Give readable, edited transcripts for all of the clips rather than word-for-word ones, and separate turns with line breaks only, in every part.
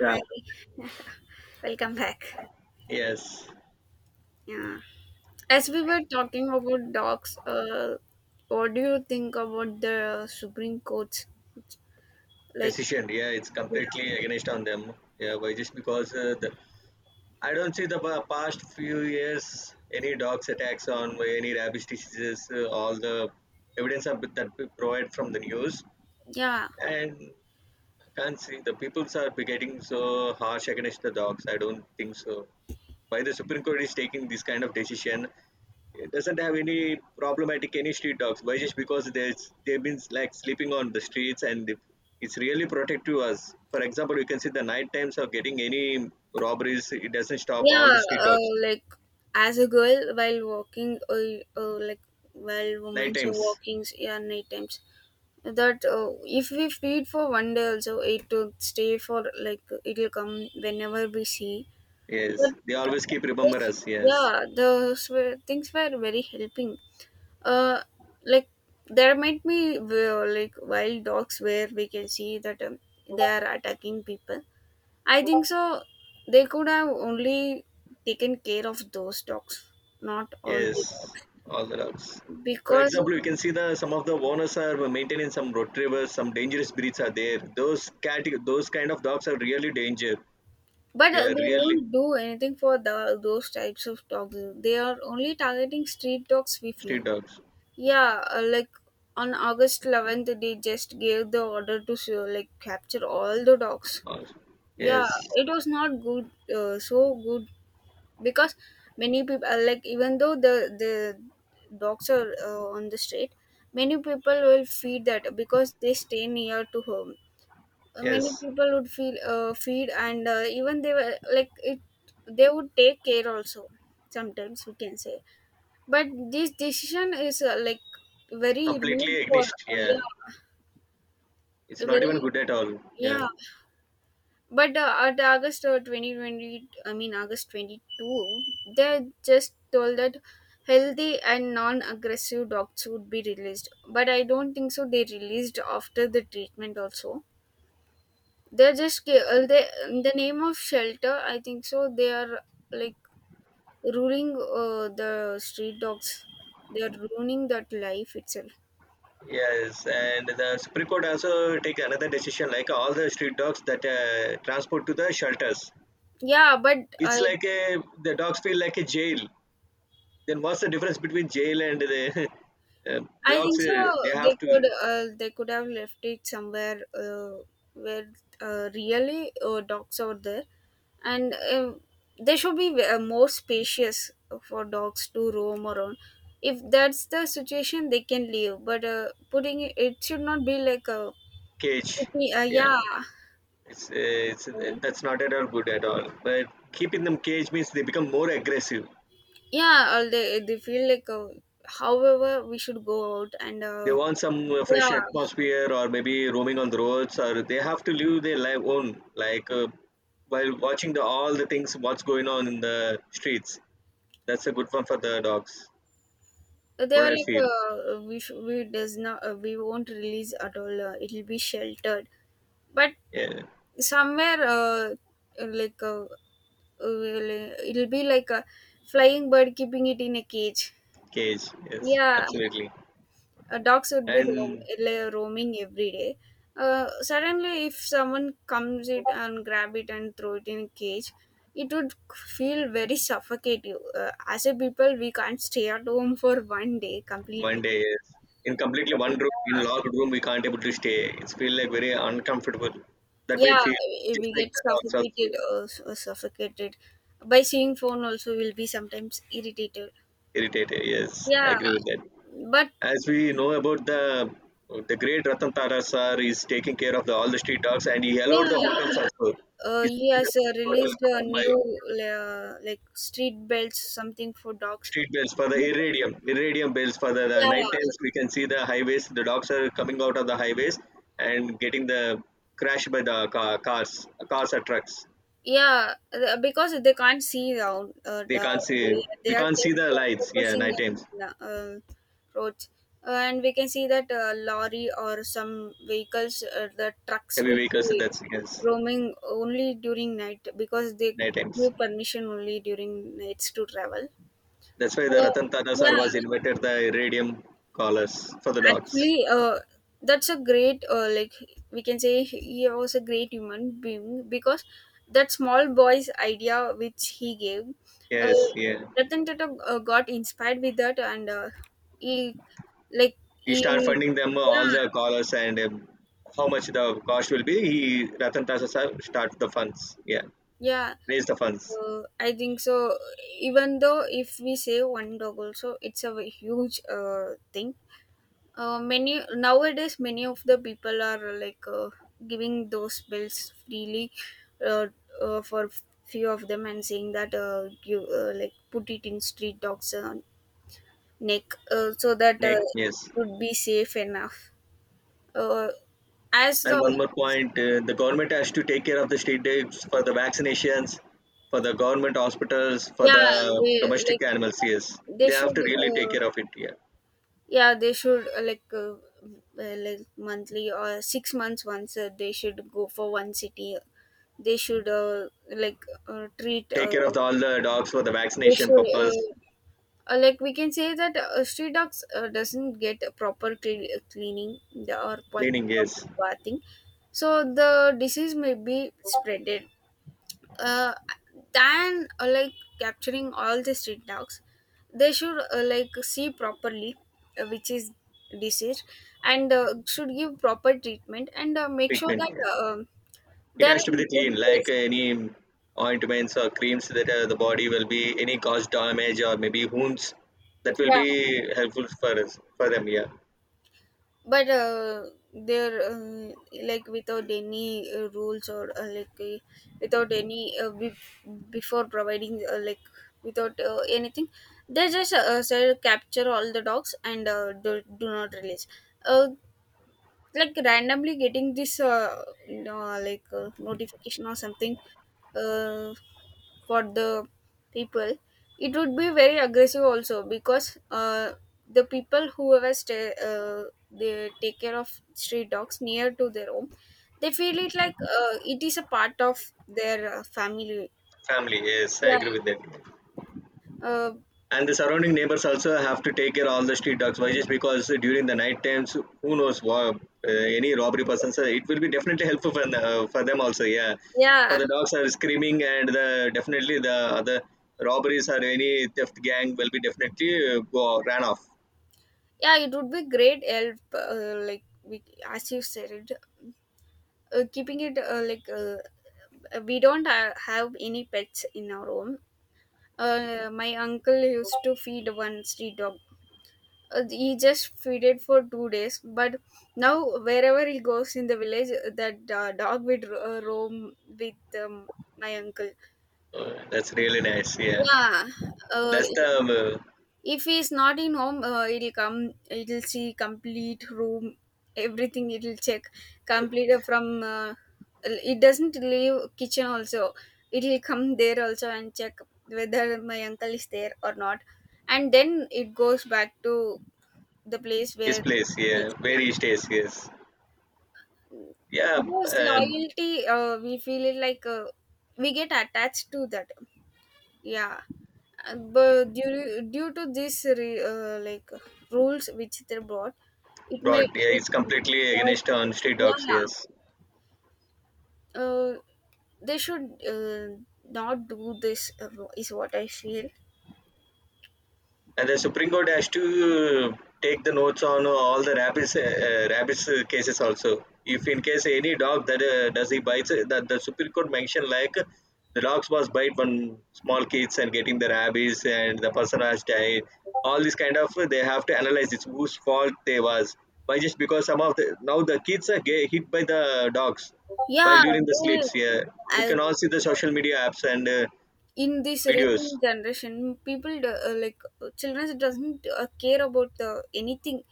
Yeah.
Hi, welcome back.
Yes.
Yeah, as we were talking about dogs, what do you think about the Supreme Court? Like,
Decision. Yeah, it's
yeah,
completely against on them. Yeah, why just because I don't see the past few years any dogs attacks on any rabies diseases. All the evidence are, that we provide from the news
yeah,
and can't see the peoples are be getting so harsh against the dogs. I don't think so. Why the Supreme Court is taking this kind of decision? It doesn't have any problematic any street dogs. Why just because there's they've been like sleeping on the streets and it's really protective us. For example, you can see the night times of getting any robberies, it doesn't stop all
yeah.
the street dogs
Like, as a girl, while walking, like while
night
women so
times.
walking, yeah, night times. That if we feed for one day, also it will stay, for like it'll come whenever we see.
Yes,
But
they
uh,
always keep remember
this-
us. Yes,
yeah, the things were very helping, uh like there might be like wild dogs where we can see that they are attacking people. I think so, they could have only taken care of those dogs, not all
yes,
the dogs,
all the dogs. For
because
example, you can see the some of the owners are maintaining some retrievers, some dangerous breeds are there, those cat, those kind of dogs are really danger.
but
They are
they
really
won't do anything for the, those types of dogs. They are only targeting street dogs, we feel.
street dogs,
Yeah, like on August 11th they just gave the order to like capture all the dogs.
yes.
Yeah, it was not good, so good, because many people, like, even though the dogs are on the street, many people will feed that because they stay near to home. Many
Yes,
people would feel, feed, and even they were like it, they would take care also, sometimes we can say. But this decision is like very rude
completely
for.
agnostic. Yeah,
Yeah,
it's not even
very,
good at all. Yeah,
yeah. But at August 2020, I mean August 22, they just told that healthy and non-aggressive dogs would be released, but I don't think so they released after the treatment also. They're just they, in the name of shelter, I think so they are, like, ruining the street dogs. They are ruining that life itself.
yes, and the Supreme Court also take another decision, like all the street dogs that transport to the shelters.
Yeah, but
It's
i
like a the dogs feel like a jail. Then what's the difference between jail and the
I
dogs?
think so.
They
They
have
could,
to
they could have left it somewhere where really dogs are there, and they should be more spacious for dogs to roam around. If that's the situation, they can leave. But putting it, it should not be like a.
cage.
Okay,
Yeah,
yeah.
it's that's not at all good at all. But keeping them cage means they become more aggressive.
Yeah. Or they feel like however we should go out and,
They want some
yeah.
fresh atmosphere, or maybe roaming on the roads, or they have to live their life own, like while watching the all the things what's going on in the streets. That's a good one for the dogs,
They
what
were
I
like,
feel.
we does not, we won't release at all. It'll be sheltered, but
Yeah,
somewhere, like, will, it'll be like a flying bird keeping it in a cage.
cage, yes,
Yeah,
absolutely.
dogs would be roam,
And
like, roaming every day. Suddenly, if someone comes it and grab it and throw it in a cage, it would feel very suffocative. As a people, we can't stay at home for one day
one
completely.
day, yes, in completely one room, in locked room, we can't able to stay, it's feel like very uncomfortable, that we
Yeah,
feel.
we
Just like
get
the dogs also.
suffocated, or suffocated by seeing phone also will be sometimes irritated.
Irritated, yes, I
Yeah,
agree with that.
but
As we know about the great Ratan Tata sir is taking care of the, all the street dogs, and he allowed the
yeah,
hotels also. He's
he has released a
my
new, like, street belts something for dogs.
street bells for the iridium, iridium bells for the night
Yeah.
times. We can see the highways. The dogs are coming out of the highways and getting the crashed by the car, cars, cars or trucks.
Yeah, because they can't see down.
They
The,
can't see.
they, they
We
are
can't see
just
the lights. Yeah,
focusing
night times.
in roads, and we can see that lorry or some vehicles, the trucks
Heavy
will
vehicles.
be
That's yes,
roaming only during night because they
night times.
give permission only during nights to travel.
That's why the
Uh,
Ratan Tata sir
yeah,
was invented the iridium collars for the dogs.
actually that's a great, like, we can say he was a great human being because that small boy's idea which he gave, uh,
Yes, yeah.
Ratan Tata got inspired with that, and he, like,
We start
he,
funding them all
yeah,
the callers, and how much the cost will be. He Ratan Tata sir start the funds. Yeah,
yeah.
raise the funds.
I think so, even though if we say one dog also it's a huge thing. Many, nowadays many of the people are like, giving those bills freely, uh, for few of them, and saying that you, like, put it in street dogs neck, so that
Next,
it
yes.
would be safe enough, uh, as the.
And one more point: the government has to take care of the state debts for the vaccinations, for the government hospitals, for
Yeah,
the
they,
domestic
like
animals. Yes,
they
they have
should
to really take
uh,
care of it. Yeah,
yeah, they should like monthly or 6 months once, they should go for one city. They should like, treat.
take care of the, all the dogs for the
They
vaccination
should
purpose,
like we can say that street dogs doesn't get a proper cleaning, or
cleaning.
proper
Yes,
bathing, so the disease may be spreaded, uh, than like capturing all the street dogs, they should like see properly which is disease, and should give proper treatment, and make sure
treatment.
that
Yes. It
they're
has to
in
be
good
clean, like
place.
any ointments or creams that the body will be any cause damage or maybe wounds. That will
Yeah,
be helpful for us, for them. Yeah,
but they're like without any rules, or like, without any before providing, like, without anything, they just said capture all the dogs, and do not release, uh, like randomly getting this no, like, notification or something uh, for the people. It would be very aggressive also because the people, whoever stay, they take care of street dogs near to their home, they feel it like it is a part of their family.
family. Yes, I
Yeah,
agree with that.
uh,
And the surrounding neighbors also have to take care all the street dogs. Why? Just because during the night times, who knows what any robbery persons. It will be definitely helpful for, the, for them also. Yeah, for
yeah.
the dogs are screaming, and the definitely the other robberies or any theft gang will be definitely go ran off.
Yeah, it would be great help, like we, as you said, keeping it like, we don't have any pets in our home. My uncle used to feed one street dog, he just fed it for 2 days, but now wherever he goes in the village, that dog would roam with my uncle.
Oh, that's really nice. Yeah,
Yeah, uh,
that's the
if he's not in home, it'll come, it'll see complete room, everything it'll check, complete, from, it doesn't leave kitchen also, it'll come there also and check whether my uncle is there or not, and then it goes back to the place where
his place.
it
Yeah,
is.
where
Yeah.
he stays. Yes. Yeah.
Those loyalty, we feel it like we get attached to that. Yeah. But due to this like rules which they brought, it may,
Brought. Yeah,
it.
it's completely against on street dogs.
Yeah,
Yes.
uh, they should not do this is what I feel.
And the Supreme Court has to take the notes on all the rabbits, rabbits cases also. If in case any dog that does he bites, that the Supreme Court mentioned like the dogs was bite one small kids and getting the rabies, and the person has died. All this kind of they have to analyze it's whose fault they was. Why just because some of the now the kids are get hit by the dogs while
Yeah.
during the
They,
sleeps. Yeah, we
I,
can all see the social media apps and
in this recent
videos.
generation people like children doesn't care about anything.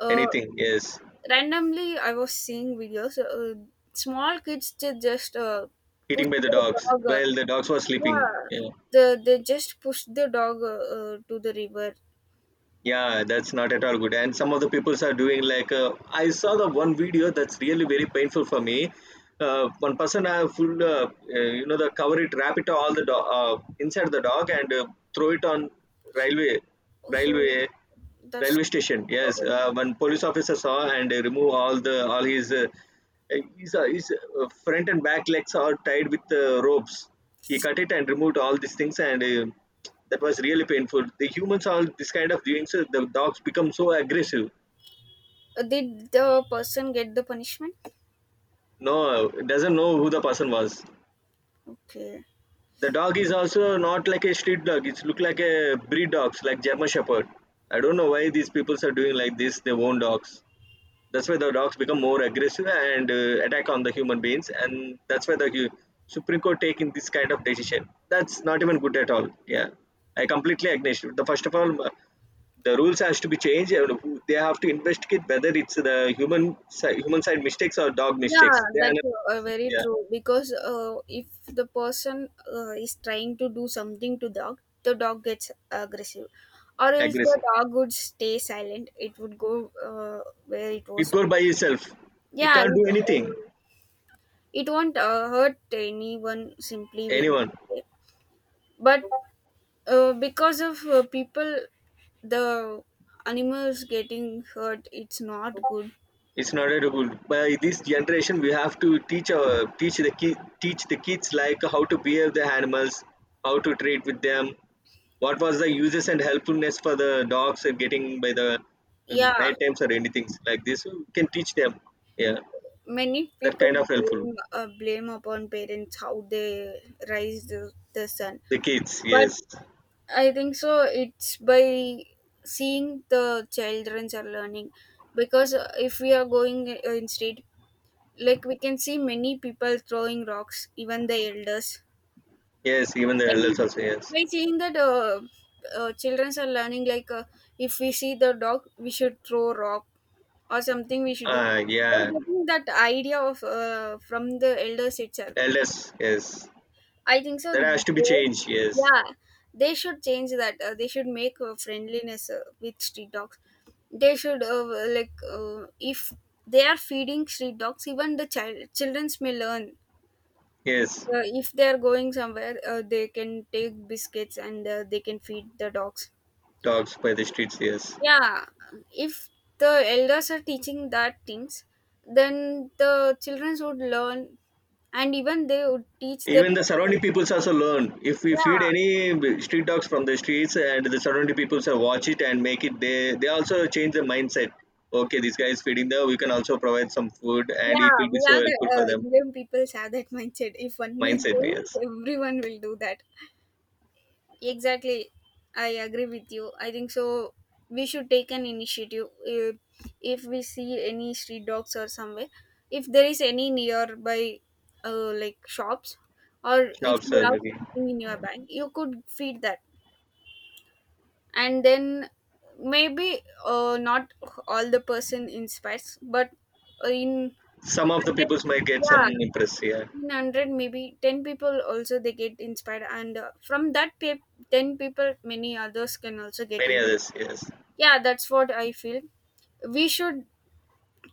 uh,
Anything, yes.
Randomly I was seeing videos, small kids ju- just push
Eating by the
the
dogs
dog
while the dogs were
Yeah,
sleeping. Yeah,
the they just pushed the dog to the river.
yeah, that's not at all good. And some of the peoples are doing like I saw the one video, that's really very painful for me. One person you know, the cover it, wrap it all the inside the dog, and throw it on railway,
So
railway,
that's.
railway station. Yes, one police officer saw, and remove all the all his front and back legs are tied with ropes. He cut it and removed all these things, and that was really painful. The humans all this kind of doing. So the dogs become so aggressive.
Did the person get the punishment?
No, doesn't know who the person was.
Okay.
The dog is also not like a street dog. It's look like a breed dogs, like German Shepherd. I don't know why these people are doing like this. They own dogs. That's why the dogs become more aggressive and attack on the human beings, and that's why the Supreme Court taking this kind of decision, that's not even good at all. Yeah, I completely agree. The first of all, the rules has to be changed, and they have to investigate whether it's the human human side mistakes or dog mistakes.
Yeah,
They are
that's
not.
very
Yeah,
true, because if the person is trying to do something to dog, the dog gets aggressive, or else the
aggressive,
dog would stay silent. It would go where it
it
was.
goes by itself, it
Yeah,
can't do anything,
it won't hurt anyone simply
anyone.
because. But because of people, the animals getting hurt, it's not good.
It's not at all. By this generation, we have to teach our teach the ki- teach the kids like how to behave the animals, how to treat with them, what was the uses and helpfulness for the dogs are getting by the
Yeah,
night times, or anything like this. We can teach them. Yeah,
many
that
people
kind of helpful.
blame, blame upon parents how they raise the son.
The kids,
But
yes,
I think so it's by seeing the childrens are learning, because if we are going in street, like we can see many people throwing rocks, even the elders.
yes, even the
by
elders also, yes.
by seeing that, children are learning like, if we see the dog we should throw rock or something we should do.
Ah,
They're
yeah,
getting that idea of, from the elders itself.
elders, yes.
I think so.
That has to be
They,
changed. Yes,
yeah, they should change that, they should make friendliness with street dogs. They should like, if they are feeding street dogs, even the child childrens may learn,
yes.
if they are going somewhere, they can take biscuits, and they can feed the dogs.
Dogs by the streets, yes.
Yeah, if the elders are teaching that things, then the children would learn, and even they would teach their
Even the
pets also.
surrounding peoples also learn. If we feed
Yeah,
any street dogs from the streets, and the surrounding peoples are watch it and make it, they also change the mindset. Okay, this guy is feeding the. We can also provide some food, and it
yeah.
will
We
be so
are the,
helpful for them.
Indian peoples have that mindset, if one is
Mindset, yes.
doing everyone will do that. Exactly. I agree with you. I think so. We should take an initiative, if we see any street dogs or somewhere. If there is any nearby, like shops, or if
Shops,
you have
maybe
something in your bag, you could feed that. And then maybe not all the person inspires, but in,
some of the peoples might get some
yeah,
impress. Yeah,
in 100, maybe 10 people also, they get inspired, and from that 10 people many others can also get
many
inspired.
others, yes.
Yeah, that's what I feel. We should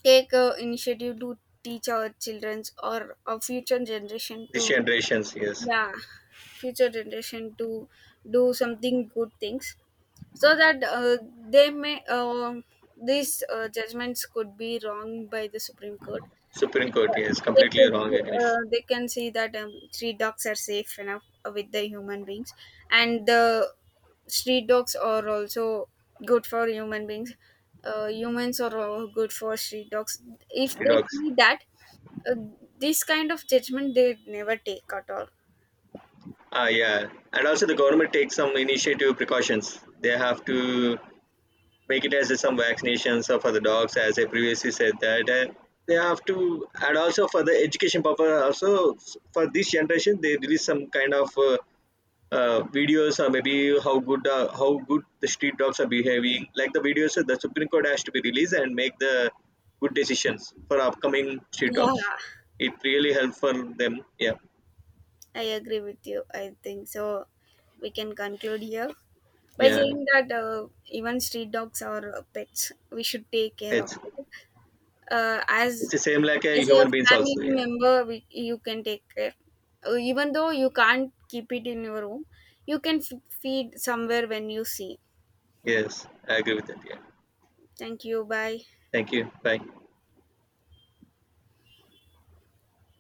take a initiative to teach our childrens or our future generation to.
This generations, yes.
Yeah, future generation to do something good things, so that they may, these judgments could be wrong by the Supreme Court.
Supreme Court, yes.
They
Completely
could,
wrong, against
they can see that, street dogs are safe enough with the human beings, and the street dogs are also good for human beings. Humans are all good for street dogs. If
street
they
dogs.
see that, uh, this kind of judgment they never take at all.
Ah, yeah. And also the government takes some initiative precautions. They have to make it vegetarians, some vaccinations for the dogs, as I previously said that. And they have to, and also for the education purpose, also for this generation, they release some kind of videos, or maybe how good, how good the street dogs are behaving. Like the videos, the Supreme Court has to be released and make the good decisions for upcoming street dogs.
Yeah,
It really helps for them. Yeah,
I agree with you, I think so we can conclude here by
yeah.
saying that even street dogs are pets, we should take care of
It's
it, uh, as
it's the same like a
as a
human beings
family
also. Yeah.
member, we, you can take care. Even though you can't keep it in your room, you can feed somewhere when you see.
Yes, I agree with that. Yeah.
Thank you, bye.
Thank you. Bye.